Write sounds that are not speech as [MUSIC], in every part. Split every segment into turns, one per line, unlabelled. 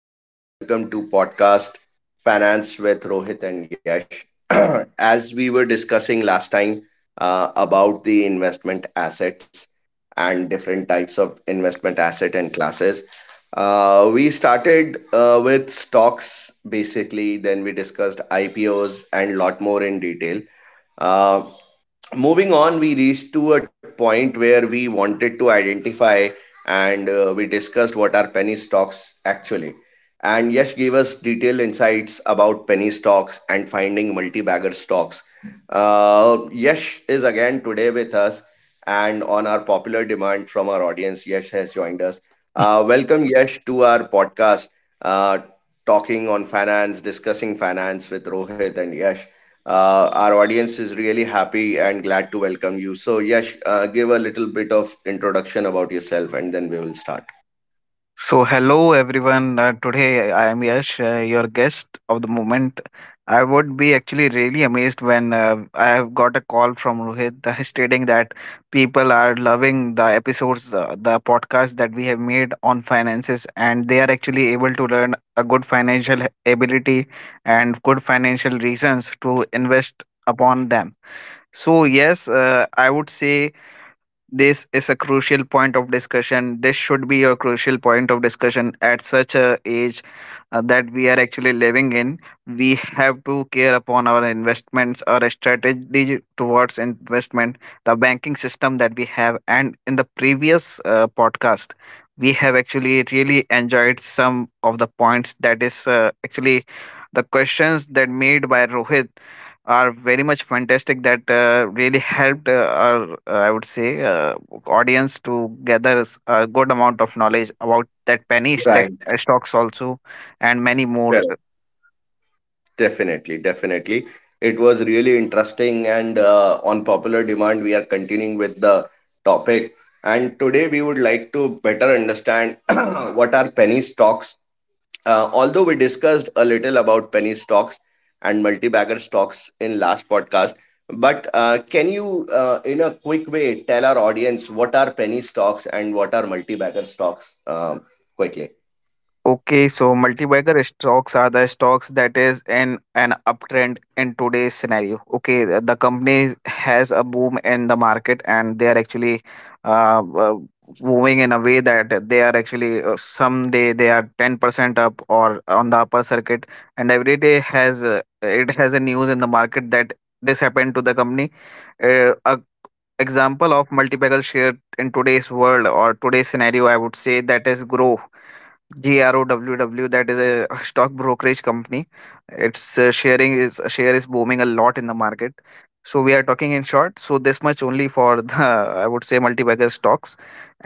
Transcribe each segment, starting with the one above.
And welcome to podcast Finance with Rohit and Yash. [CLEARS THROAT] As we were discussing last time about the investment assets and different types of investment asset and classes, we started with stocks basically. Then we discussed IPOs and lot more in detail. Uh, Moving on, we reached to a point where we wanted to identify, and we discussed what are penny stocks actually, and Yash gave us detailed insights about penny stocks and finding multi-bagger stocks. Yash is again today with us, and on our popular demand from our audience, Yash has joined us. Welcome, Yash, to our podcast, uh, talking on finance, discussing finance with Rohit and Yash. Our audience is really happy and glad to welcome you. So, Yash, give a little bit of introduction about yourself, and then we will start.
So, hello everyone. Today I am Yash, your guest of the moment. I would be actually really amazed when I have got a call from Rohit stating that people are loving the episodes, the podcast that we have made on finances, and they are actually able to learn a good financial ability and good financial reasons to invest upon them. So, yes, I would say this is a crucial point of discussion. This should be your crucial point of discussion at such a age that we are actually living in. We have to care upon our investments, our strategy towards investment, the banking system that we have. And in the previous podcast, we have actually really enjoyed some of the points that is actually the questions that made by Rohit are very much fantastic that really helped our I would say audience to gather a good amount of knowledge about that penny stack,
Right.
stocks also and many more.
Definitely, definitely. It was really interesting, and on popular demand, we are continuing with the topic. And today, we would like to better understand [CLEARS THROAT] what are penny stocks. Although we discussed a little about penny stocks and multi-bagger stocks in last podcast, but can you, in a quick way, tell our audience what are penny stocks and what are multi-bagger stocks? Quickly.
Okay, so multi-bagger stocks are the stocks that is in an uptrend in today's scenario. Okay, the company has a boom in the market and they are actually uh, uh, moving in a way that they are actually someday they are 10% up or on the upper circuit, and every day has it has a news in the market that this happened to the company. A example of multi-bagger share in today's world or today's scenario, I would say that is GROWW, that is a stock brokerage company. Its sharing is share is booming a lot in the market. So we are talking in short. So this much only for [LAUGHS] the, I would say, multi-bagger stocks.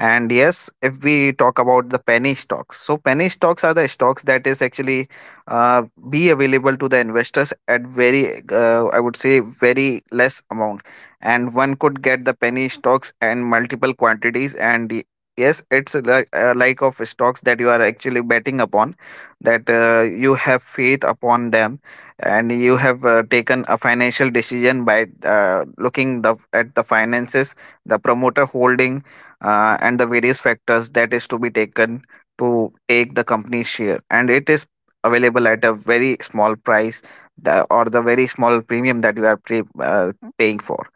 And yes, if we talk about the penny stocks, so penny stocks are the stocks that is actually uh, be available to the investors at very I would say very less amount, and one could get the penny stocks and multiple quantities, and yes, it's like of stocks that you are actually betting upon, that you have faith upon them, and you have taken a financial decision by looking the at the finances, the promoter holding, and the various factors that is to be taken to take the company share, and it is available at a very small price, the, or the very small premium that paying for.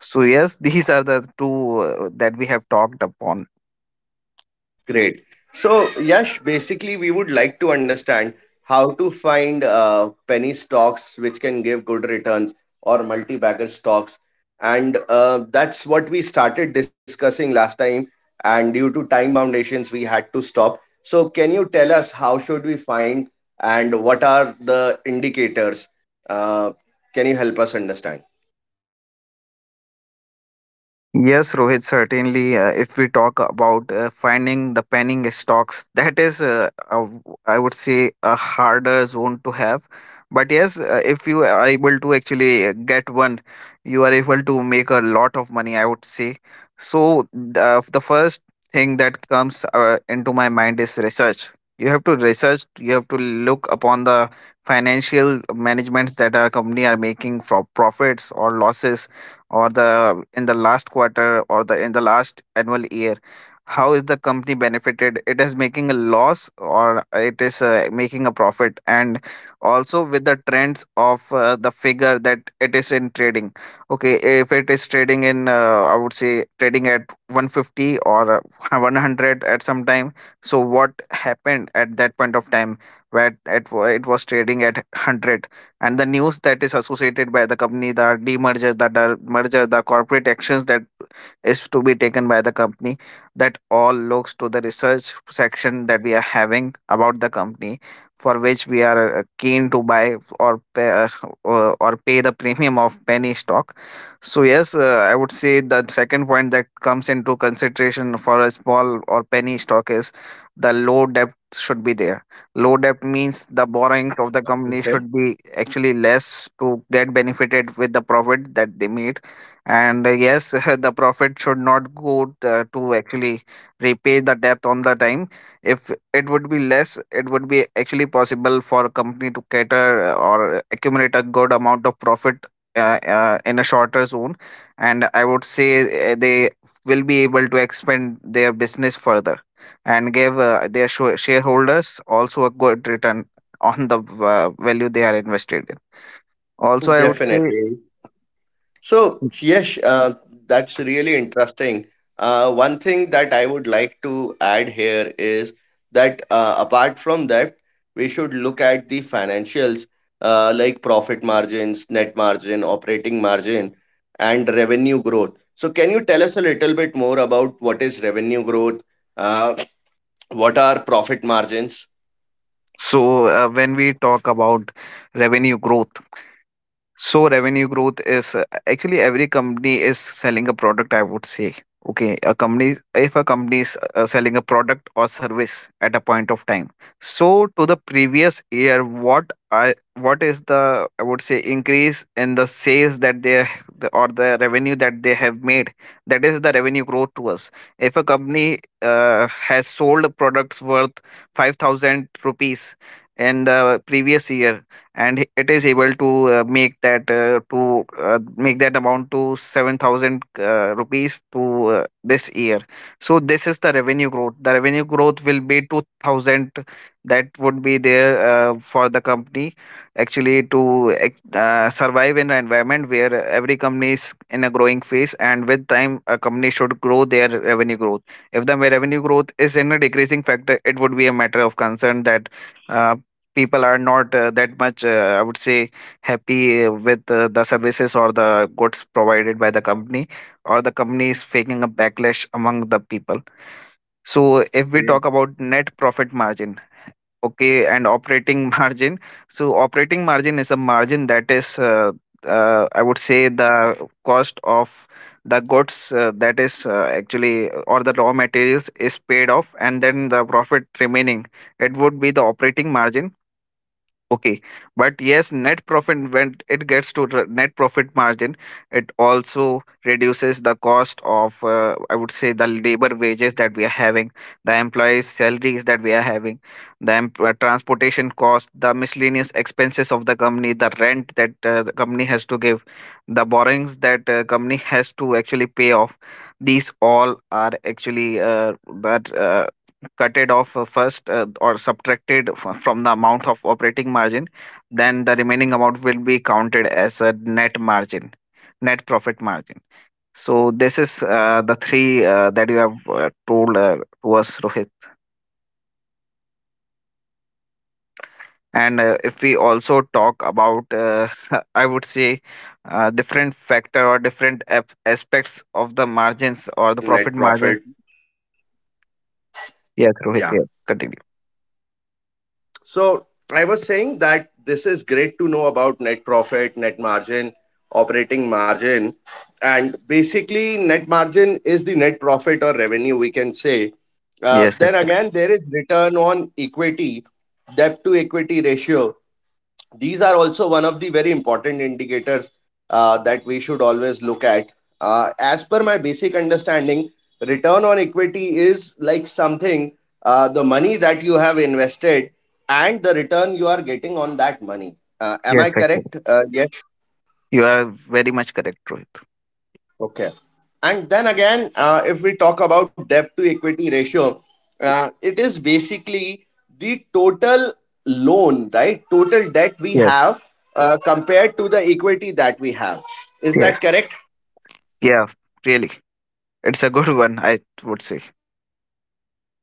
So yes, [LAUGHS] these are the two that we have talked upon.
Great. So, Yash, basically, we would like to understand how to find penny stocks which can give good returns or multi-bagger stocks. And that's what we started discussing last time. And due to time foundations, we had to stop. So, can you tell us how should we find and what are the indicators? Uh, can you help us understand?
Yes, Rohit, certainly. If we talk about finding the penning stocks, [LAUGHS] that is, I would say, a harder zone to have. But yes, if you are able to actually get one, you are able to make a lot of money, I would say. So, the first thing that comes into my mind is research. You have to research, you have to look upon the financial managements that our company are making for profits or losses, or the in the last quarter or the in the last annual year, how is the company benefited, it is making a loss or it is making a profit. And also with the trends of the figure that it is in trading. Okay, if it is trading in I would say trading at 150, or 100 at some time. So what happened at that point of time where it was trading at 100, and the news that is associated by the company, the demerger, the merger, the corporate actions that is to be taken by the company, that all looks to the research section that we are having about the company for which we are keen to buy or pay, [LAUGHS] or pay the premium of penny stock. So yes, I would say the second point that comes into consideration for a small or penny stock is the low depth should be there. Low debt means the borrowing of the company
Okay.
should be actually less to get benefited with the profit that they made. And yes, [LAUGHS] the profit should not go to actually repay the debt on the time. If it would be less, it would be actually possible for a company to cater or accumulate a good amount of profit in a shorter zone. And I would say they will be able to expand their business further and gave their shareholders also a good return on the value they are invested in. Also, I would say,
Definitely. So, yes, that's really interesting. One thing that I would like to add here is that apart from that, we should look at the financials like profit margins, net margin, operating margin, and revenue growth. So, can you tell us a little bit more about what is revenue growth? Uh, what are profit margins?
so when we talk about revenue growth, so revenue growth is actually every company is selling a product, I would say. Okay, a company, if a company is selling a product or service at a point of time. So to the previous year, what is the, I would say, increase in the sales that they, or the revenue that they have made? That is the revenue growth to us. If a company has sold products worth 5000 rupees in the previous year, and it is able to make that amount to 7000 rupees to this year, so this is the revenue growth, the revenue growth will be 2000 that would be there for the company, actually to survive in an environment where every company is in a growing phase, and with time a company should grow their revenue growth. If the revenue growth is in a decreasing factor, it would be a matter of concern that uh, people are not that much I would say happy with the services or the goods provided by the company, or the company is faking a backlash among the people. So if we talk
Okay.
about net profit margin, okay, and operating [LAUGHS] margin. So operating margin is a margin that is I would say the cost of the goods that is actually, or the raw materials is paid off, and then the profit remaining, it would be the operating margin. Okay, but yes, net profit, when it gets to the net profit margin, it also reduces the cost of I would say the labor wages that we are having, the employees' salaries that we are having, the transportation cost, the miscellaneous expenses of the company, the rent that the company has to give, the borrowings that company has to actually pay off. These all are actually that. Cutted off first or subtracted from the amount of operating margin, then the remaining amount will be counted as a net margin, net profit margin. So this is the three that you have told to us, Rohit. And if we also talk about, [LAUGHS] I would say,
Okay.
different factor or
That's great
different
to know
aspects of the
about the
margins or
operating
the profit
margin, net
margin.
profit.
Yes,
Yeah.
Rohit. Yes, continue.
So I was saying that this is great to know about net profit, net margin, operating margin. And basically, net margin is the net profit or revenue, we can say.
Yes,
Then
actually.
again, there is return on equity, debt to equity ratio. These are also one of the very important indicators that we should always look at. As per my basic understanding, return on equity is like something the money that you have invested and the return you are getting on that money. Am
Yes,
I
actually.
correct? Yes.
You are very much correct, Rohit.
Okay. And then again, if we talk about debt to equity ratio, it is basically the total loan, right? Total debt we
Yes.
have compared to the equity that we have. Is
Yes.
that correct?
Yeah, really. It's a good one, I would say.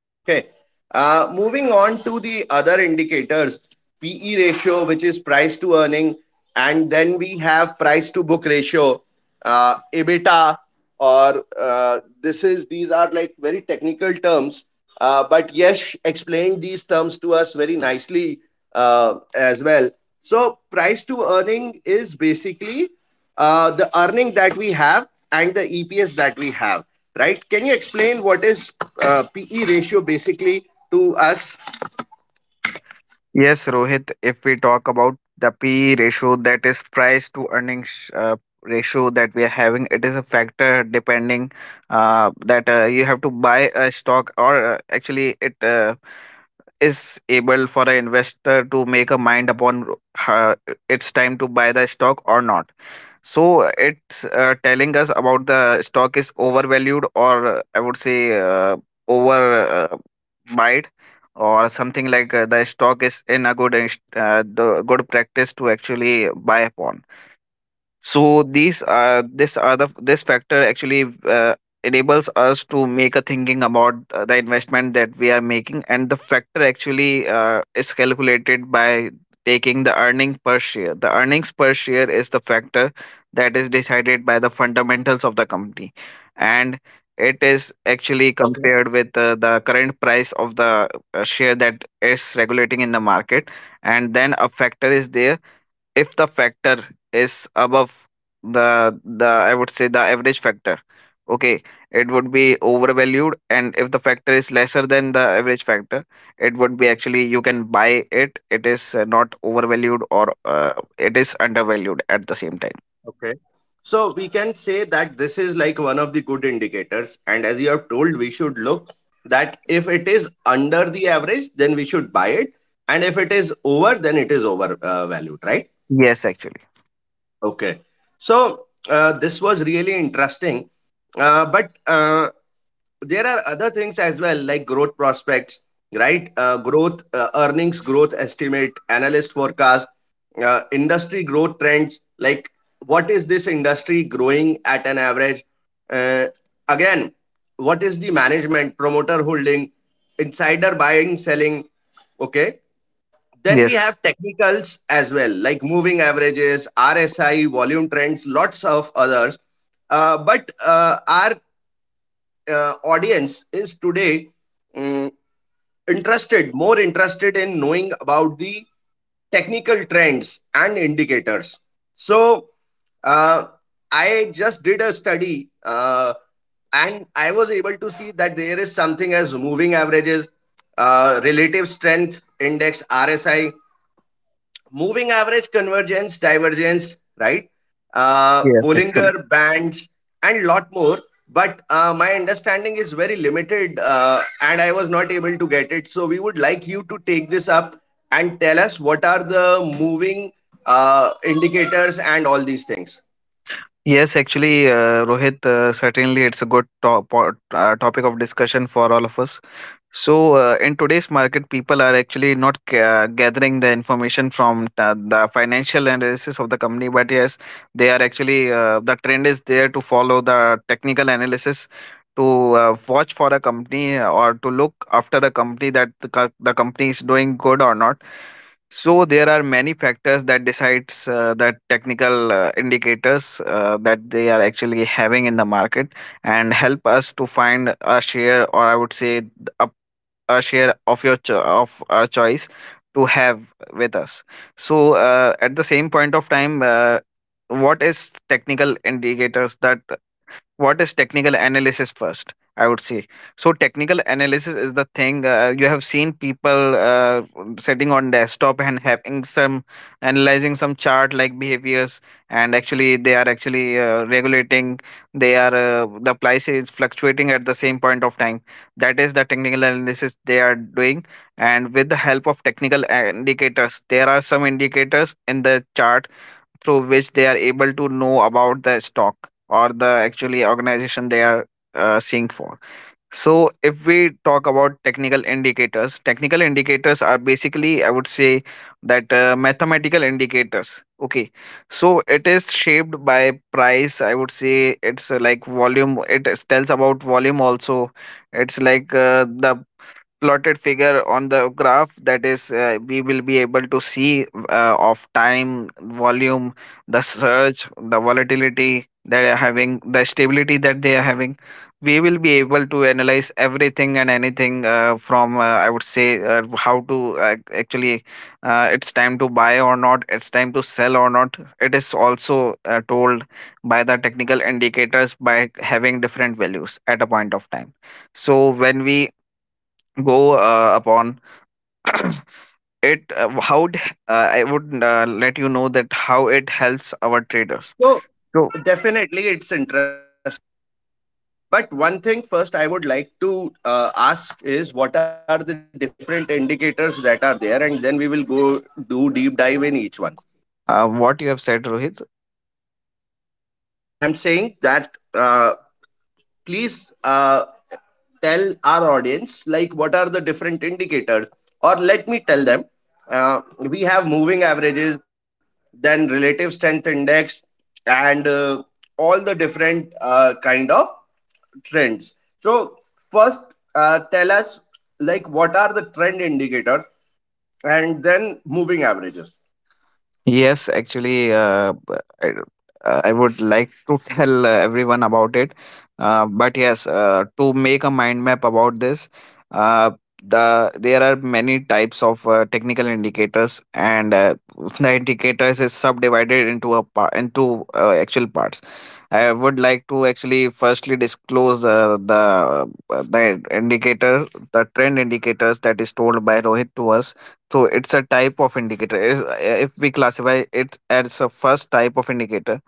Okay. Moving on to the other indicators, PE ratio, which is price to earning, and then we have price to book ratio, EBITDA, or this is these are like very technical terms. But Yesh explained these terms to us very nicely as well. So price to earning is basically the earning that we have and the EPS that we have, right? Can you explain what is PE ratio basically to us?
Yes, Rohit, if we talk about the P/E ratio, that is price to earnings ratio that we are having, it is a factor depending that you have to buy a stock, or actually it is able for an investor to make a mind upon uh, it's time to buy the stock or not. So it's telling us about the stock is overvalued, or I would say, over buyed, or something like the stock is in a the good practice to actually buy upon. So these this are the this factor actually enables us to make a thinking about the investment that we are making. And the factor actually is calculated by taking the earning per share. The earnings per share is the factor that is decided by the fundamentals of the company, and it is actually
Okay.
compared with the current price of the share that is regulating in the market. And then a factor is there. If the factor is above the the I would say the average factor, okay, it would be overvalued. And if the factor is lesser than the average factor, it would be actually you can buy it, it is not overvalued, or it is undervalued at the same time.
Okay. So we can say that this is like one of the good indicators. And as you have told, we should look that if it is under the average, then we should buy it. And if it is over, then it is overvalued, valued, right?
Yes, actually.
Okay. So this was really interesting. But there are other things as well, like growth prospects, right? Growth, earnings growth estimate, analyst forecast, industry growth trends, like what is this industry growing at an average? Uh, Again, what is the management, promoter holding, insider buying, selling? Okay. Then we
Yes.
have technicals as well, like moving averages, RSI, volume trends, lots of others. But our audience is today, mm, interested, more interested in knowing about the technical trends and indicators. So, uh, I just did a study and I was able to see that there is something as moving averages, relative strength index, RSI, moving average convergence divergence, right?
Yes,
Bollinger
actually.
bands and lot more. But my understanding is very limited, and I was not able to get it, so we would like you to take this up and tell us what are the moving indicators and all these things.
Yes, actually, Rohit, certainly it's a good topic of discussion for all of us. So, in today's market, people are actually not gathering the information from the financial analysis of the company, but yes, they are actually the trend is there to follow the technical analysis to watch for a company, or to look after a company that the company is doing good or not. So there are many factors that decides that technical indicators that they are actually having in the market and help us to find a share, or I would say a a share of of our choice to have with us. So, at the same point of time, what is technical indicators that what is technical analysis first, I would say. So technical analysis is the thing. You have seen people sitting on desktop and having some, analyzing some chart like behaviors, and actually they are actually regulating, they are the price is fluctuating at the same point of time. That is the technical analysis they are doing. And with the help of technical indicators, there are some indicators in the chart through which they are able to know about the stock or the actually organization they are seeing for. So if we talk about technical indicators, technical indicators are basically, I would say, that mathematical indicators, okay. So it is shaped by price, I would say. It's like volume, tells about volume also. It's like the plotted figure on the graph that is, we will be able to see, of time, volume, the surge, the volatility they are having, the stability that they are having. We will be able to analyze everything and anything from, I would say, how to uh, actually it's time to buy or not, it's time to sell or not. It is also told by the technical indicators by having different values at a point of time. So when we go upon [CLEARS THROAT] it uh, how it, I would, let you know that how it helps our traders.
So
So,
definitely it's interesting, but one thing first I would like to ask is what are the different indicators that are there, and then we will go do deep dive in each one.
what you have said, Rohit.
I'm saying that, please tell our audience like what are the different indicators, or let me tell them. We have moving averages, then relative strength index, and all the different kind of trends. So first, tell us like what are the trend indicators, and then moving averages.
Yes, actually, I, I would like to [LAUGHS] tell everyone about it. But yes, to make a mind map about this, uh, there are many types of technical indicators, and [LAUGHS] the indicators is subdivided into actual parts. I would like to actually firstly disclose the indicator, the trend indicators that is told by Rohit to us. So it's a type of indicator. If we classify it as a first type of indicator,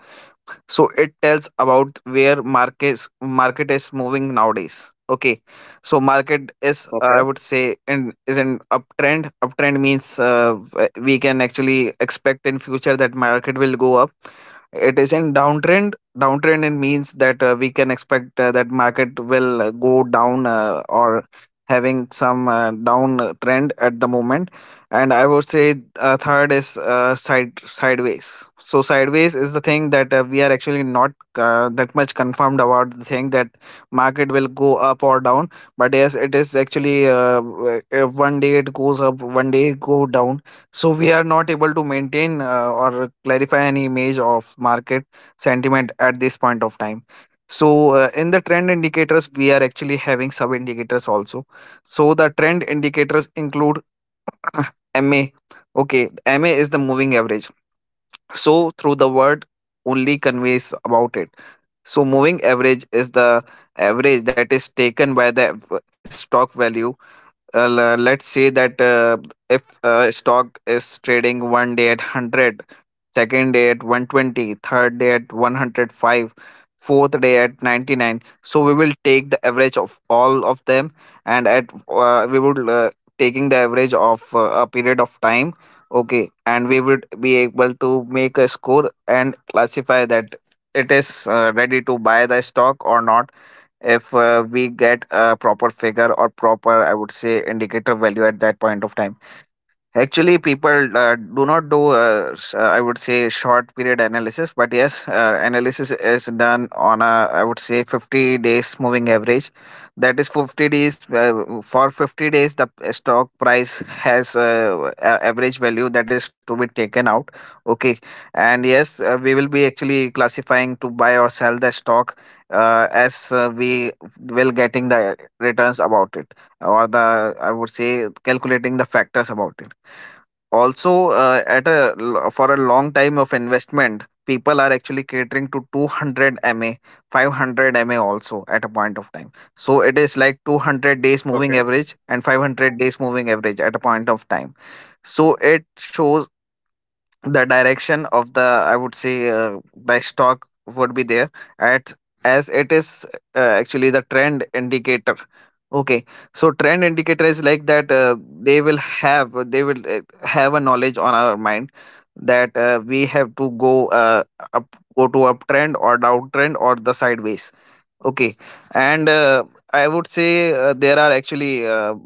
so it tells about where market is moving nowadays. Okay. So market is, I
Okay.
would say, in uptrend. Uptrend means, we can actually expect in future that market will go up. It is in downtrend. Downtrend it means that we can expect that market will go down, or having some down trend at the moment. And I would say, third is sideways. So sideways is the thing that we are actually not that much confirmed about the thing that market will go up or down, but yes, it is actually one day it goes up, one day it go down. So we are not able to maintain or clarify any image of market sentiment at this point of time. So, in the trend indicators, we are actually having sub indicators also. So the trend indicators include, Ah, ma okay, MA is the moving average. So through the word only conveys about it. So moving average is the average that is taken by the stock value. Let's say that, if, stock is trading one day at 100, second day at 120, third day at 105, fourth day at 99. So we will take the average of all of them, and at, we would, taking the average of a period of time. Okay, and we would be able to make a score and classify that it is ready to buy the stock or not, if we get a proper figure or proper, I would say, indicator value at that point of time. Actually, people do not do, I would say, short period analysis. But yes, analysis is done on a, I would say, 50 days moving average. That is 50 days, for 50 days, the stock price has, average value that is to be taken out. Okay. And yes, we will be actually classifying to buy or sell the stock, as we will getting the returns about it, or the, I would say, calculating the factors about it. Also, at for a long time of investment, people are actually catering to 200 MA, 500 MA also at a point of time. So it is like 200 days moving
Okay.
average and 500 days moving average at a point of time. So it shows the direction of the, I would say, buy stock would be there at, as it is actually the trend indicator. Okay. So trend indicator is like that, they will have a knowledge on our mind that we have to go, uh, up go to uptrend or downtrend or the sideways. Okay. And, I would say, there are actually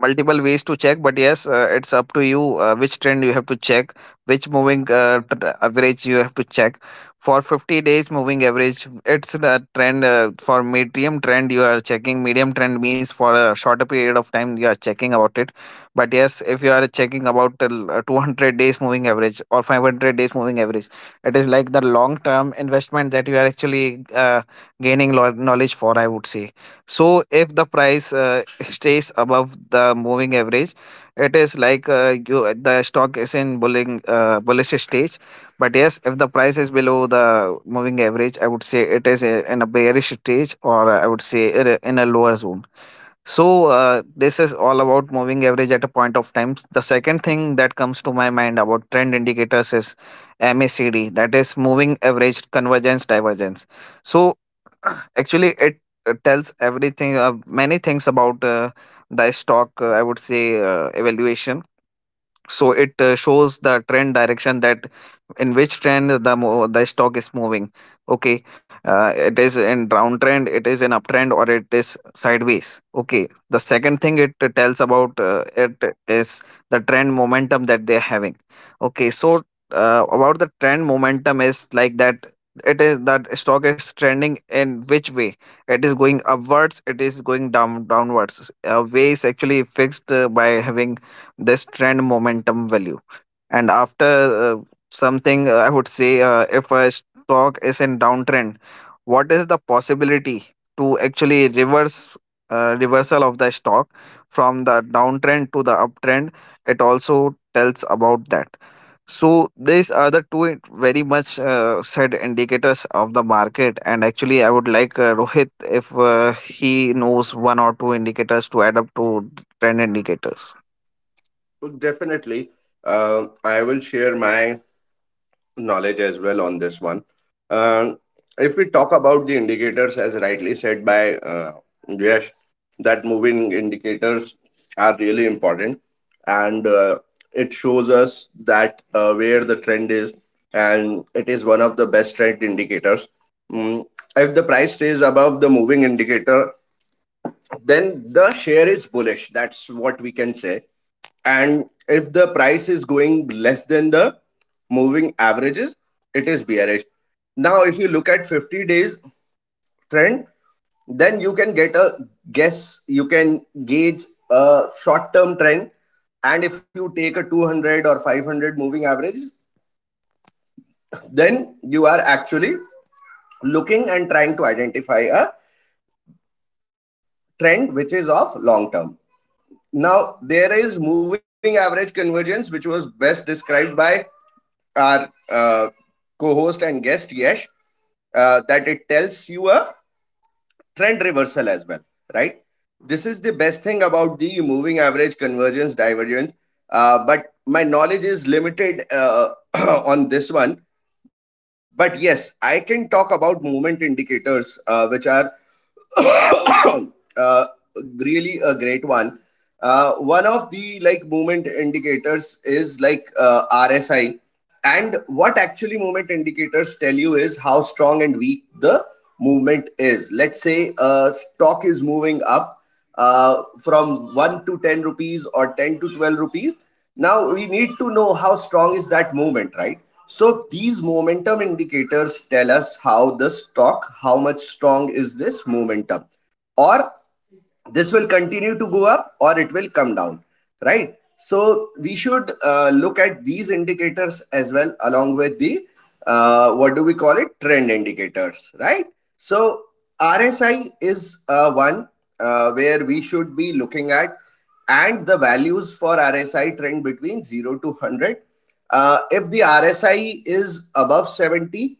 multiple ways to check, but yes, it's up to you, which trend you have to check, which moving average you have to check. For 50 days moving average, it's the trend, for medium trend you are checking. Medium trend means for a shorter period of time you are checking about it. But yes, if you are checking about till, 200 days moving average or 500 days moving average, it is like the long term investment that you are actually. Gaining knowledge for, I would say. So if the price [LAUGHS] stays above the moving average, it is like, you the stock is in bulling bullish stage. But yes, if the price is below the moving average, I would say it is in a bearish stage, or I would say it in a lower zone. So, this is all about moving average at a point of time. The second thing that comes to my mind about trend indicators is MACD, that is moving average convergence divergence. So [CLEARS THROAT] actually it tells everything, many things about, the stock, I would say, evaluation. So it shows the trend direction, that in which trend the stock is moving. Okay. It is in downtrend, it is in uptrend, or it is sideways. Okay. The second thing it tells about, it is the trend momentum that they are having. Okay. So, about the trend momentum is like that, it is that stock is trending in which way, it is going upwards, it is going downwards, way is actually fixed by having this trend momentum value. And after, something, I would say, if a stock is in downtrend, what is the possibility to actually reverse reversal of the stock from the downtrend to the uptrend, it also tells about that. So these are the very much said indicators of the market. And actually I would like, Rohit, if he knows one or two indicators to add up to trend indicators.
Definitely, I will share my knowledge as well on this one. Um, if we talk about the indicators, as rightly said by Yash, that moving indicators are really important, and it shows us that where the trend is, and it is one of the best trend indicators. Mm, if the price stays above the moving indicator, then the share is bullish. That's what we can say. And if the price is going less than the moving averages, it is bearish. Now, if you look at 50 days trend, then you can get a guess, you can gauge a short term trend. And if you take a 200 or 500 moving average, then you are actually looking and trying to identify a trend which is of long term. Now, there is moving average convergence, which was best described by our co host and guest, Yesh, that it tells you a trend reversal as well, right? This is the best thing about the moving average convergence divergence. But my knowledge is limited [COUGHS] [CLEARS THROAT] on this one. But yes, I can talk about movement indicators, which are [COUGHS] uh, really a great one. One of the like movement indicators is like RSI, and what actually movement indicators tell you is how strong and weak the movement is. Let's say a stock is moving up, from 1 to 10 rupees or 10 to 12 rupees. Now we need to know how strong is that movement, right? So these momentum indicators tell us how the stock, how much strong is this momentum, or this will continue to go up or it will come down, right? So we should look at these indicators as well, along with the, what do we call it, trend indicators, right? So RSI is one where we should be looking at, and the values for RSI trend between 0 to 100. If the RSI is above 70,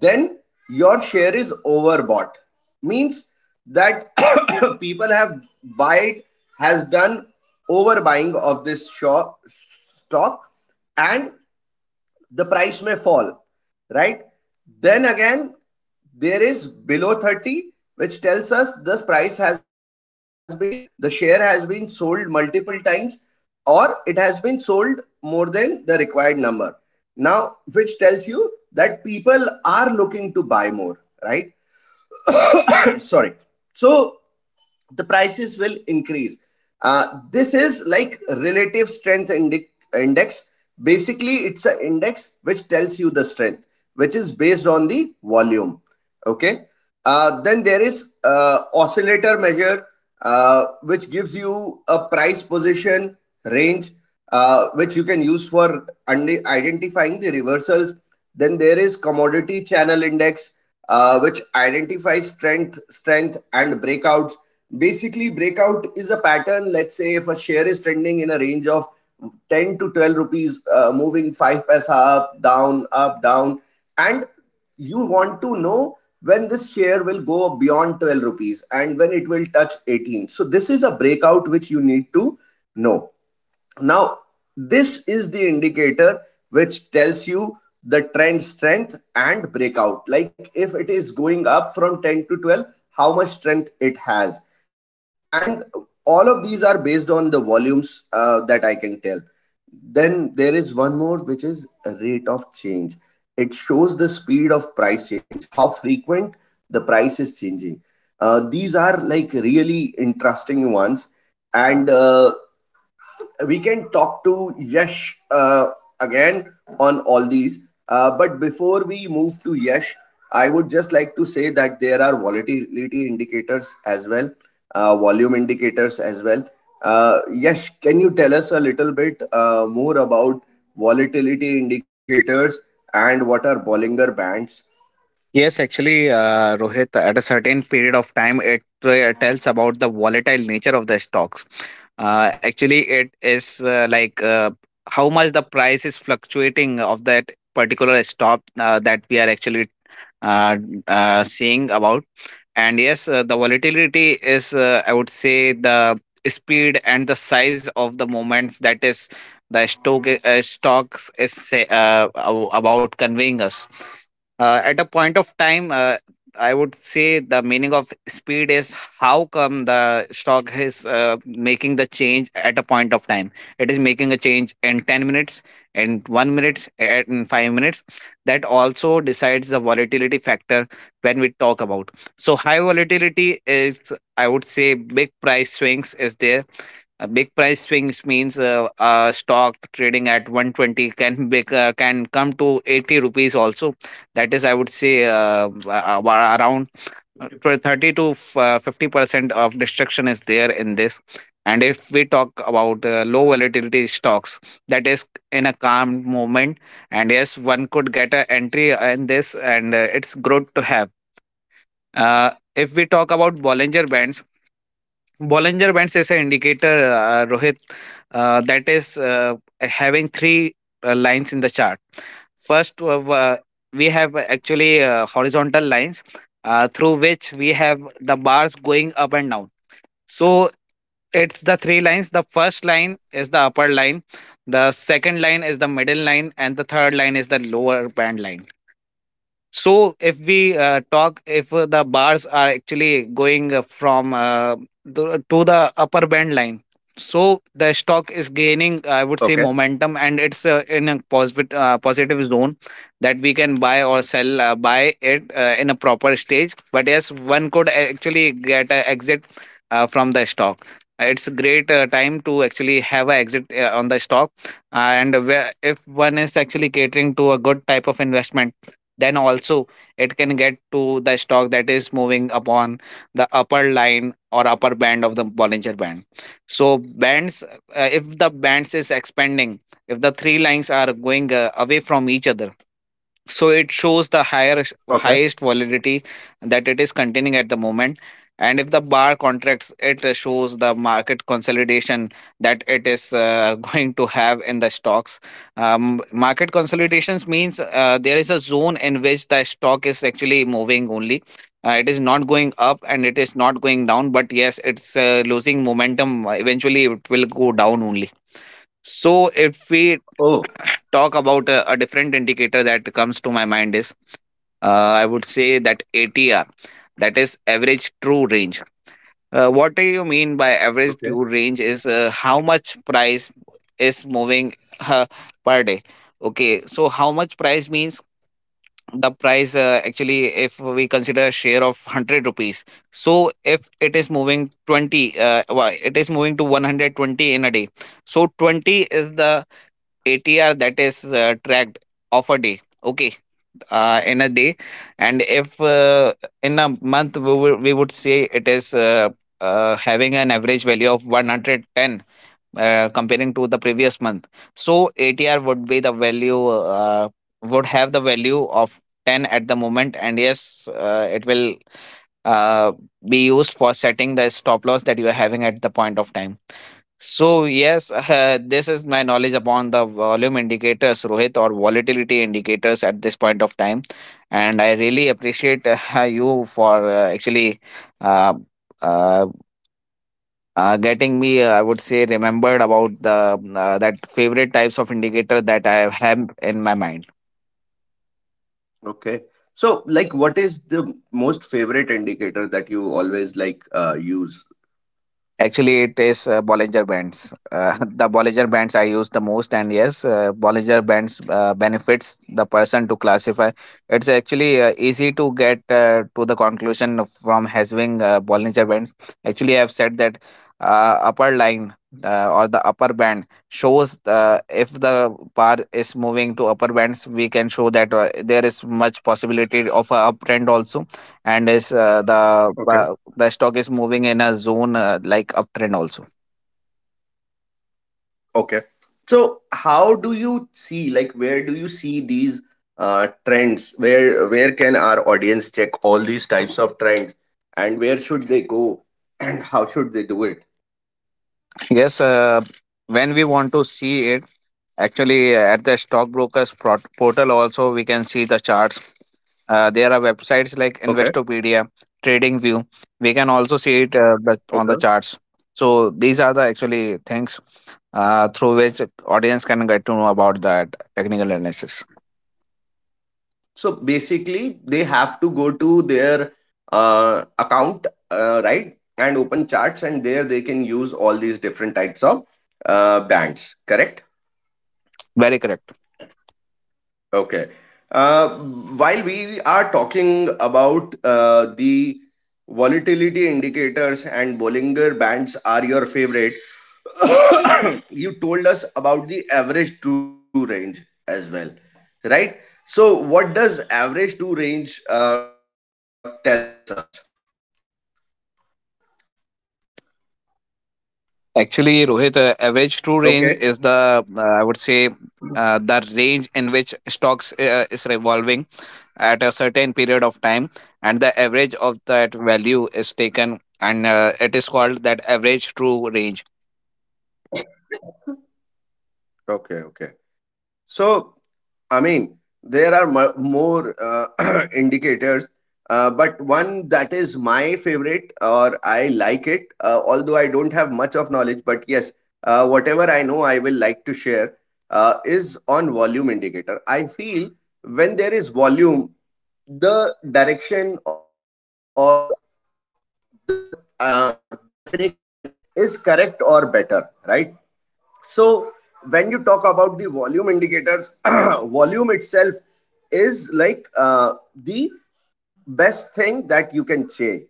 then your share is overbought. Means that [COUGHS] people have buy, has done overbuying of this shop, stock, and the price may fall, right? Then again, there is below 30, which tells us this price has been, the share has been sold multiple times, or it has been sold more than the required number. Now, which tells you that people are looking to buy more, right? [COUGHS] [CLEARS THROAT] Sorry. So, the prices will increase. Uh, this is like relative strength index. Basically, it's an index which tells you the strength, which is based on the volume. Okay. Then there is oscillator measure, which gives you a price position range, which you can use for identifying the reversals. Then there is commodity channel index, which identifies strength, and breakouts. Basically, breakout is a pattern. Let's say if a share is trending in a range of 10 to 12 rupees, moving 5 paisa up, down, and you want to know when this share will go beyond 12 rupees and when it will touch 18. So, this is a breakout which you need to know. Now, this is the indicator which tells you the trend strength and breakout. Like if it is going up from 10 to 12, how much strength it has. And all of these are based on the volumes, that I can tell. Then there is one more, which is rate of change. It shows the speed of price change, how frequent the price is changing. These are like really interesting ones, and we can talk to Yash again on all these. But before we move to Yash, I would just like to say that there volatility indicators as well, volume indicators as well. Yash, can you tell us a little bit more about volatility indicators and what are Bollinger Bands?
Yes, actually, Rohit, at a certain period of time, it tells about the volatile nature of the stocks. Actually, it is, like how much the price is fluctuating of that particular stock that we are actually uh, seeing about. And yes, the volatility is, I would say, the speed and the size of the moments, that is the stocks is, about conveying us at a point of time. I would say the meaning of speed is how come the stock is making the change at a point of time, it is making a change in 10 minutes, in 1 minute, in 5 minutes. That also decides the volatility factor when we talk about. So high volatility is, I would say, big price swings is there. A big price swings means a stock trading at 120 can be, can come to 80 rupees also. That is, I would say, around 30 to, 50% of destruction is there in this. And if we talk about low volatility stocks, that is in a calm moment. And yes, one could get an entry in this, and it's good to have uh, if we talk about Bollinger Bands, Bollinger Bands is an indicator, Rohit, that is having three lines in the chart. First, we have
Okay.
actually horizontal lines through which we have the bars going up and down. So it's the three lines. The first
Right.
line is the upper line, the second line is the middle line, and the third line is the lower band line. So if we talk, if the bars are actually going from to the upper band line, so the stock is gaining, I would say,
Okay.
momentum, and it's in a positive zone that we can buy or sell, buy it in a proper stage. But yes, one could actually get an exit from the stock. It's a great time to actually have an exit on the stock, and where, if one is actually catering to a good type of investment, then also it can get to the stock that is moving upon the upper line or upper band of the Bollinger band. So bands, if the bands is expanding, if the three lines are going away from each other, so it shows the higher highest
Okay.
volatility that it is containing at the moment. And if the bar contracts, it shows the market consolidation that it is [LAUGHS] going to have in the stocks. Market consolidations means there is a zone in which the stock is actually moving only. It is not going up and it is not going down, but yes, it's losing momentum, eventually it will go down only. So if we
Oh.
talk about a different indicator that comes to my mind is I would say that ATR, that is average true range. What do you mean by average true range?
Okay.
Is how much price is moving uh, per day? Okay, so how much price means the price actually, if we consider a share of 100 rupees, so if it is moving 20 it is moving to 120 in a day, so 20 is the ATR that is tracked of a day. Okay, in a day. And if in a month, we would say it is having an average value of 110 comparing to the previous month. So ATR would be the value would have the value of 10 at the moment. And yes, it will uh, be used for setting the stop loss that you are having at the point of time. So yes, [LAUGHS] this is my knowledge upon the volume indicators, Rohit, or volatility indicators at this point of time, and I really appreciate [LAUGHS] you for actually uh, uh, getting me. I would say remembered about the that favorite types of indicator that I have in my mind.
Okay. So, like, what is the most favorite indicator that you always like use?
Actually, it is Bollinger Bands. [LAUGHS] The Bollinger Bands I use the most, and yes, Bollinger Bands benefits the person to classify. It's actually easy to get to the conclusion from having Bollinger Bands. Actually, I have said that upper line or the upper band shows if the bar is moving to upper bands, we can show that there is much possibility of a uptrend also, and is the
Okay.
stock is moving in a zone like uptrend also.
Okay. So, how do you see, like, where do you see these trends? Where can our audience check all these types of trends, and where should they go, and how should they do it?
Yes, when we want to see it, actually at the stockbrokers portal also we can see the charts. There are websites like
Okay.
Investopedia, TradingView. We can also see it but
Okay.
on the charts. So these are the actually things through which audience can get to know about that technical analysis.
So basically, they have to go to their account, right, and open charts, and there they can use all these different types of bands. Correct?
Very correct.
Okay. While we are talking about the volatility indicators and Bollinger bands are your favorite, [COUGHS] you told us about the average true range as well, right? So, what does average true range tells us?
Actually, Rohit, average
Okay.
true range is the I would say the range in which stocks is revolving at a certain period of time, and the average of that value is taken, and it is called that average true range.
Okay, okay. So, I mean, there are more [CLEARS THROAT] indicators, but one that is my favorite or I like it, don't have much of knowledge, but yes, whatever I know, I will like to share is on volume indicator. I feel when there is volume, the direction or the definition that we get is correct or better, right? So when you talk about the volume indicators, [CLEARS THROAT] volume itself is like the best thing that you can check.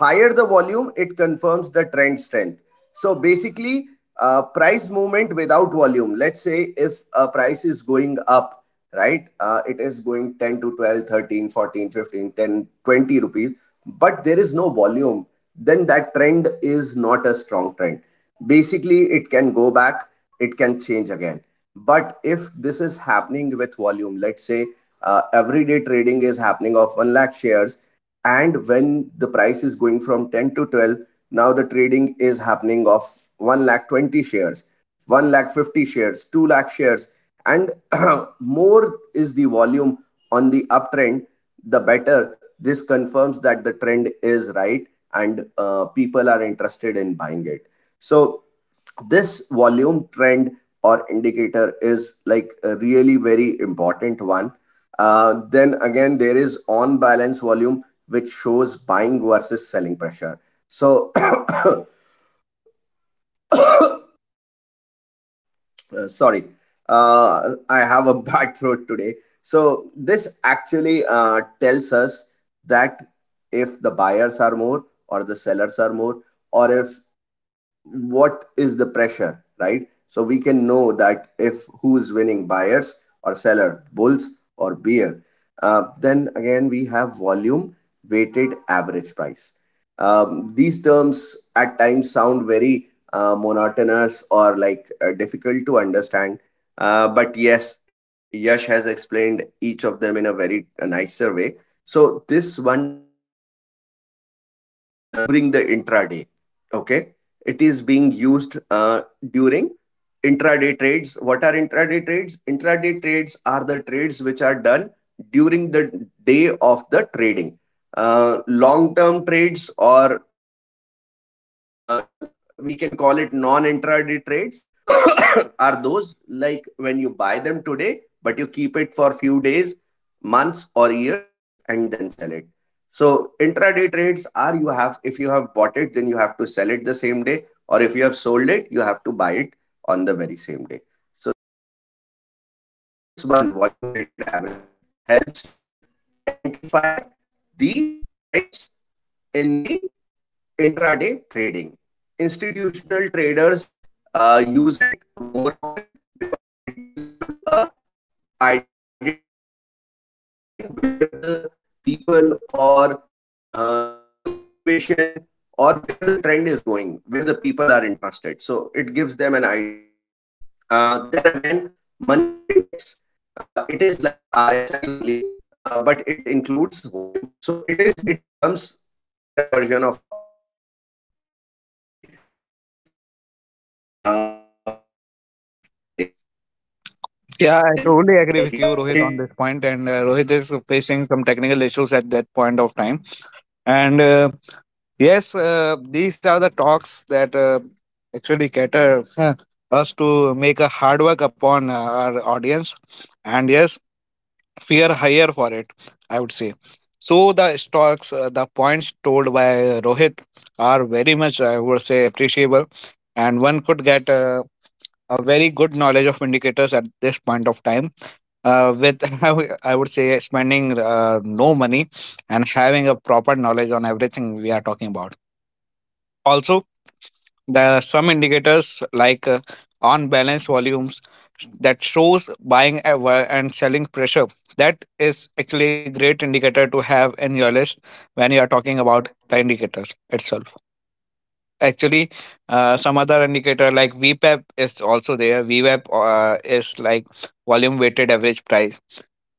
Higher the volume, it confirms the trend strength. So basically, price movement without volume, let's say if a price is going up, right, it is going 10 to 12, 13, 14, 15, ten, 20 rupees, but there is no volume, then that trend is not a strong trend. Basically, it can go back, it can change again. But this is happening with volume. Let's say everyday trading is happening of 1 lakh shares, and when the price is going from 10 to 12, now the trading is happening of 1 lakh 20 shares, 1 lakh 50 shares, 2 lakh shares, and [CLEARS THROAT] more is the volume on the uptrend, the better. This confirms that the trend is right, and people are interested in buying it. So this volume trend or indicator is like a really very important one. Then again, there is on balance volume, which shows buying versus selling pressure. So [COUGHS] sorry, uh, I have a [LAUGHS] bad throat today. So this actually tells us that if the buyers are more or the sellers are more, or if what is the pressure, right? So we can know that if who is winning, buyers or seller, bulls or bear. Then again we have volume weighted average price. These terms at times sound very monotonous or like difficult to understand. But yes, Yash has explained each of them in a very nicer way. So this one tells us during the intraday. Okay, it is being used during intraday trades. What are intraday trades? Intraday trades, the trades which are done during the day of the trading. Long term trades, or uh, we can call it non intraday trades, [COUGHS] are those like when you buy them today but you keep it for few days, months or years and then sell it. So intraday trades are, you have, if you have bought it, then you have to sell it the same day, or if you have sold it, you have to buy it on the very same day. So these this one, volume weighted average, helps you identify the trends in the intraday trading. Institutional traders use it more often because it gives them a identify identification where the people or the motivation or where the trend is going, where the people are interested. So it gives them an idea. Then again, money flow index. It is like RSI only, but it includes volume. So it becomes a better version of RSI.
Yeah, I totally agree with you, Rohit, on this point. And Rohit is facing some technical issues at that point of time, and. Yes, these are the talks that actually cater us to make a hard work upon our audience, and yes, fear higher for it, I would say. So the stocks, the points told by Rohit are very much, I would say, appreciable, and one could get a very good knowledge of indicators at this point of time. With [LAUGHS] I would say spending no money and having a proper knowledge on everything we are talking about. Also, there are some indicators like on balance volumes that shows buying ever and selling pressure. That is actually a great indicator to have in your list when you are talking about the indicators itself. Actually, some other indicator like VPAP is also there. VWAP is like volume weighted average price,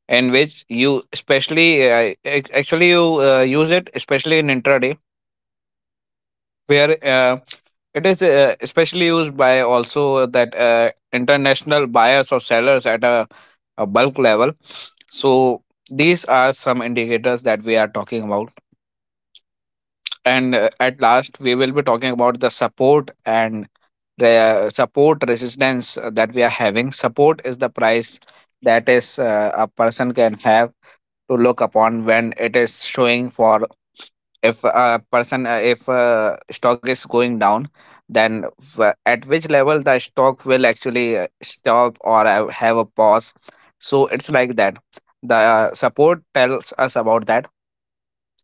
in which you especially actually you use it especially in intraday, where it is especially used by also that international buyers or sellers at a bulk level. So these are some indicators that we are talking about. And at last, we will be talking about the support and the support resistance that we are having. Support is the price that is a person can have to look upon when it is showing for if a person if stock is going down, then at which level the stock will actually stop or have a pause. So it's like that the support tells us about that.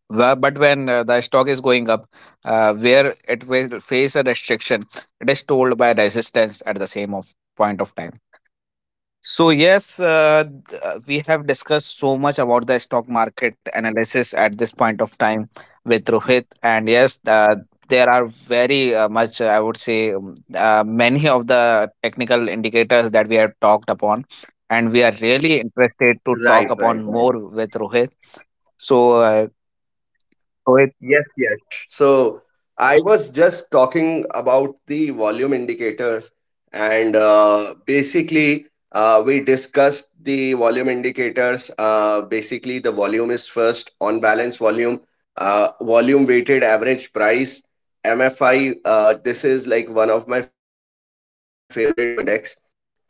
But when the stock is going up, where it will face a restriction, it is told by resistance at the same of point of time. So, yes, we have discussed so much about the stock market analysis at this point of time with Rohit. And yes, there are I would say, many of the technical indicators that we have talked upon. And we are really interested to
Right,
talk
right, right.
upon more with Rohit. So, Rohit,
So I was just talking about the volume indicators, and basically, we discussed the volume indicators. Basically, the volume is first on balance volume, volume weighted average price, MFI. This is like one of my favorites, money flow index,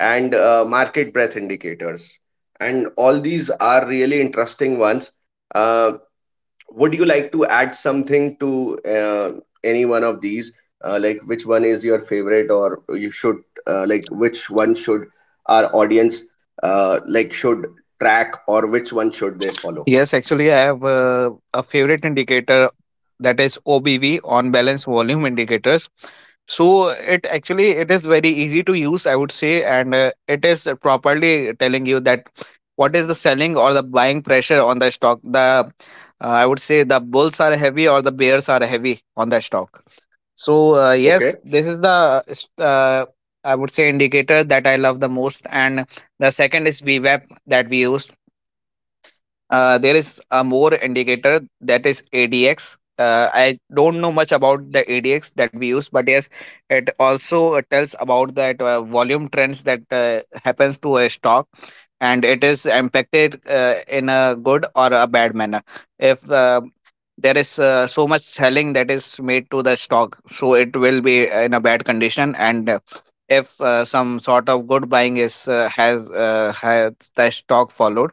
and market breadth indicators. And all these are really interesting ones. Uh, would you like to add something to any one of these, like which one is your favorite, or you should, like which one should our audience like should track, or which one should they follow?
yes, actually, I have a favorite indicator that is OBV, on balance volume indicators. So it actually it is very easy to use, I would say, and it is properly telling you that what is the selling or the buying pressure on the stock. The I would say the bulls are heavy or the bears are heavy on the stock. So yes, this is
Okay.
the uh, I would say indicator that I love the most, and the second is VWAP that we use. There is a more indicator that is ADX. I don't know much about the ADX that we use, but yes, it also tells about that volume trends that happens to a stock, and it is impacted in a good or a bad manner. If there is so much selling that is made to the stock, so it will be in a bad condition. And if some sort of good buying is has the stock followed,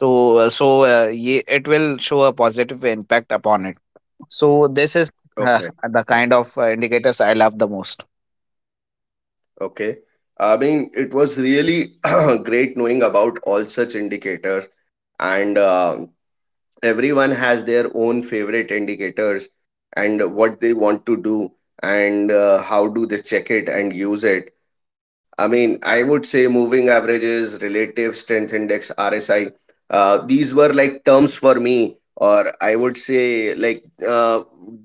so, it will show a positive impact upon it. So, this is [LAUGHS]
Okay.
uh, the kind of indicators I love the most.
Okay, I mean, it was really [CLEARS THROAT] great knowing about all such indicators, and um, everyone has their own favorite indicators and what they want to do and how do they check it and use it. I mean, I would say moving averages, relative strength index, RSI, these were like terms for me, or I would say uh,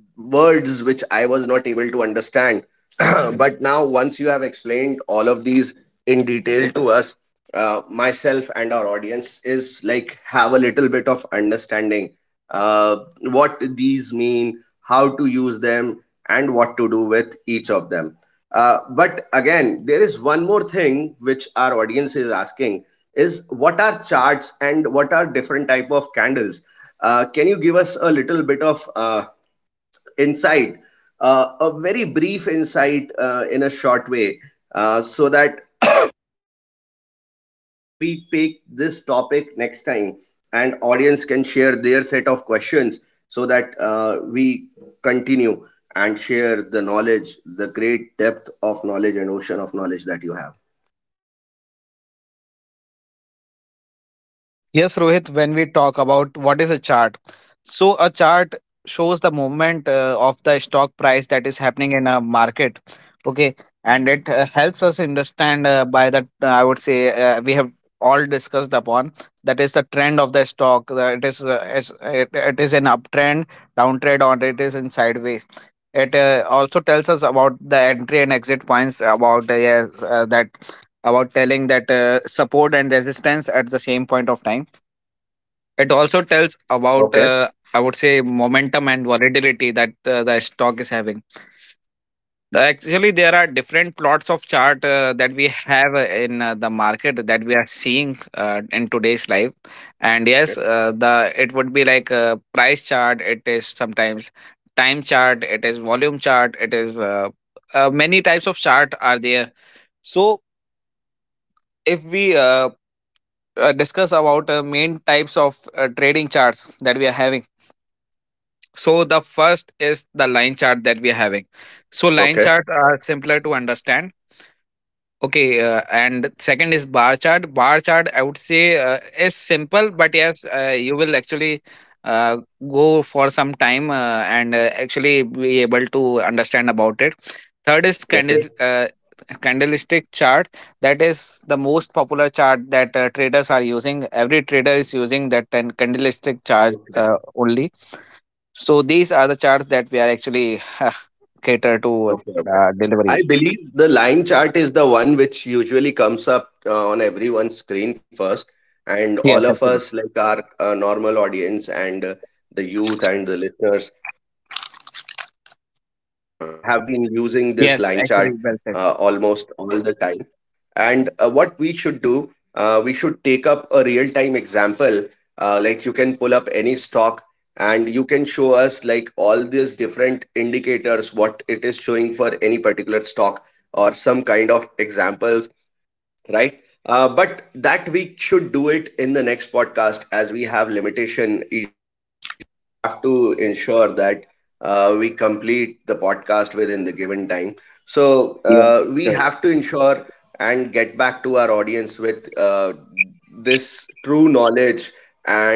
words which I was not able to understand. [CLEARS THROAT] But now once you have explained all of these in detail to us, myself and our audience is like, have a little bit of understanding what these mean, how to use them, and what to do with each of them. But again, there is one more thing which our audience is asking is, what are charts and what are different type of candles? You give us a little bit of insight, a very brief insight in a short way, uh, so that so that we pick this topic next time and audience can share their set of questions, so that we continue and share the knowledge, the great depth of knowledge and ocean of knowledge that you have.
Yes, Rohit, when we talk about what is a chart, so a chart shows the movement of the stock price that is happening in a market. Okay, and it helps us understand by that, I would say, we have all discussed upon that is the trend of the stock. It is an uptrend, downtrend, or it is in sideways. It also tells us about the entry and exit points, about yes, that about telling that support and resistance at the same point of time. It also tells about
Okay.
I would say momentum and volatility that the stock is having.
Right.
Actually there are different plots of chart that we have in the market that we are seeing in today's life. And yes,
Okay.
the it would be like a price chart, it is sometimes time chart, it is volume chart, it is many types of chart are there. So if we discuss about main types of trading charts that we are having. So the first is the line chart that we are having. So line
Okay.
charts are simpler to understand. Okay, and second is bar chart. Bar chart, I would say, is simple, but yes, you will actually uh, go for some time and actually be able to understand about it. Third is
Okay.
candlestick chart. That is the most popular chart that traders are using. Every trader is using that and candlestick chart
Okay.
only. So these are the charts that we are actually [LAUGHS] cater to
Okay. Okay. I
delivery.
believe the line chart is the one which usually comes up on everyone's screen first, and
Yes,
all of
actually.
us, like our normal audience, and the youth and the listeners, I have been using this line chart
Yes, actually,
almost
well
all
said.
the time. And what we should do, we should take up a real time example. Like you can pull up any stock and you can show us like all these different indicators, what it is showing for any particular stock or some kind of examples, right? But that we should do it in the next podcast, as we have limitation, have to ensure that we complete the podcast within the given time. So
Yeah,
we
sure.
have to ensure and get back to our audience with this true knowledge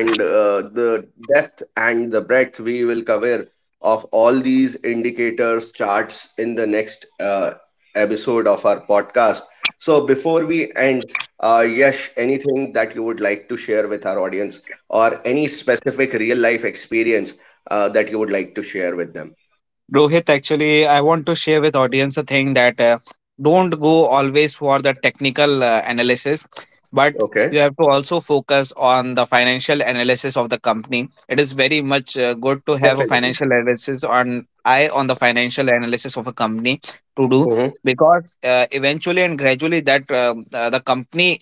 and the depth and the breadth we will cover of all these indicators, charts in the next episode of our podcast. So before we end, Yash, anything that you would like to share with our audience or any specific real life experience that you would like to share with them.
Rohit, actually, I want to share with audience a thing that don't go always for the technical analysis, but you have to also
Okay,
focus on the financial analysis of the company. It is very much good to have a financial analysis
definitely.
on eye on the financial analysis of a company to do, because
Mhm.
eventually and gradually that the company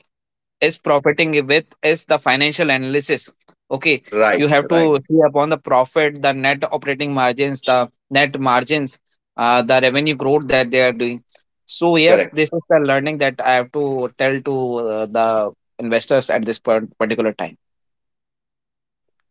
is profiting with is the financial analysis. Okay, you have to see
Right,
upon the
right,
profit, the net operating margins, the net margins, the revenue growth that they are doing. So yes, this is the learning
correct.
that I have to tell to the investors at this particular time.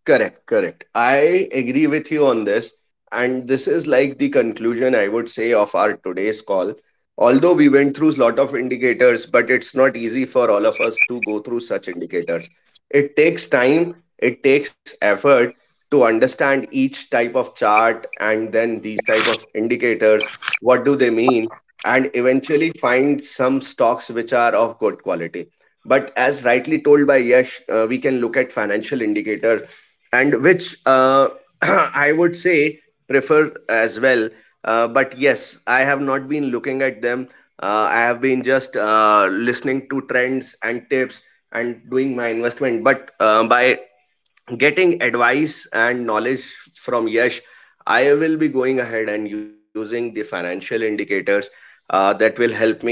Correct, correct. I agree with you on this. And this is like the conclusion, I would say, of our today's call. Although we went through a lot of indicators, but it's not easy for all of us to go through such indicators. It takes time, it takes effort to understand each type of chart and then these type of indicators. What do they mean? And eventually find some stocks which are of good quality. But as rightly told by Yash, we can look at financial indicators, and which [CLEARS THROAT] I say prefer as well. But yes, I have not been looking at them. I have been just listening to trends and tips and doing my investment. But by getting advice and knowledge from Yash, I will be going ahead and using the financial indicators that will help me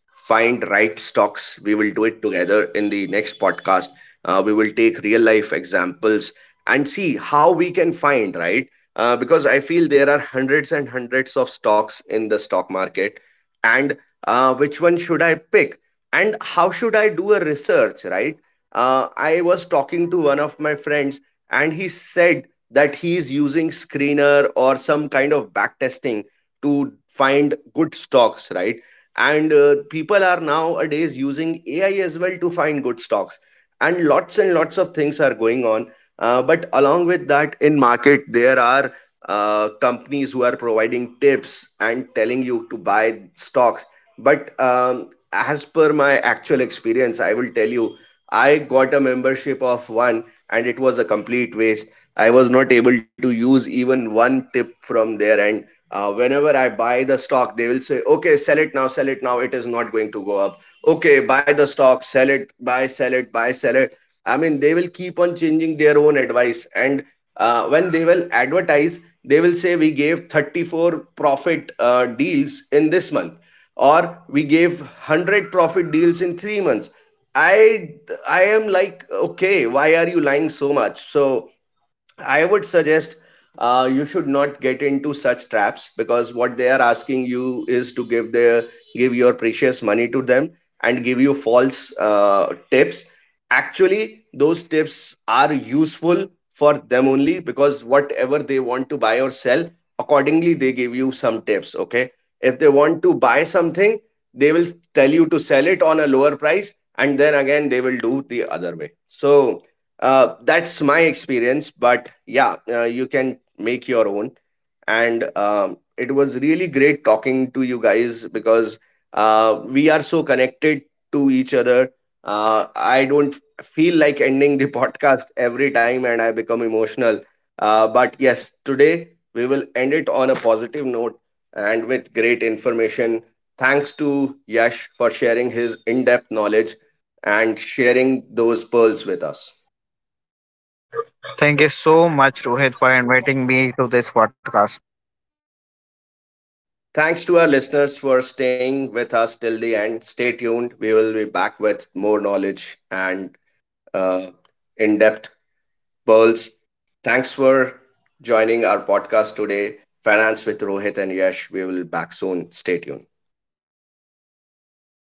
find right stocks. We will do it together in the next podcast. We will take real life examples and see how we can find, right? Because I feel there are hundreds and hundreds of stocks in the stock market. And which one should I pick? And how should I do a research, right? I was talking to one of my friends, and he said that he is using screener or some kind of back testing to find good stocks, right? And people are nowadays using AI as well to find good stocks, and lots of things are going on. But along with that, in market there are companies who are providing tips and telling you to buy stocks. But as per my actual experience, I will tell you, I got a membership of one, and it was a complete waste. I was not able to use even one tip from there. And whenever I buy the stock, they will say, okay, sell it now, sell it now, it is not going to go up. Okay, buy the stock, sell it, buy, sell it, buy, sell it. I mean, they will keep on changing their own advice. And when they will advertise, they will say, we gave 34 profit deals in this month, or we gave 100 profit deals in 3 months. I i am like, okay, why are you lying so much? So I would suggest, you should not get into such traps, because what they are asking you is to give their, give your precious money to them and give you false tips. Actually, those tips are useful for them only, because whatever they want to buy or sell, accordingly they give you some tips. Okay, if they want to buy something, they will tell you to sell it on a lower price, and then again they will do the other way. So that's my experience, but yeah, you can make your own. And it was really great talking to you guys, because we are so connected to each other. I don't feel like ending the [LAUGHS] podcast every time, and I become emotional. But yes, today we will end it on a positive note and with great information. Thanks to Yash for sharing his in depth knowledge and sharing those pearls with us.
Thank you so much, Rohit, for inviting me to this podcast.
Thanks to our listeners for staying with us till the end. Stay tuned. We will be back with more knowledge and uh, in depth pearls. Thanks for joining our podcast today, Finance with Rohit and Yash. We will be back soon. Stay tuned.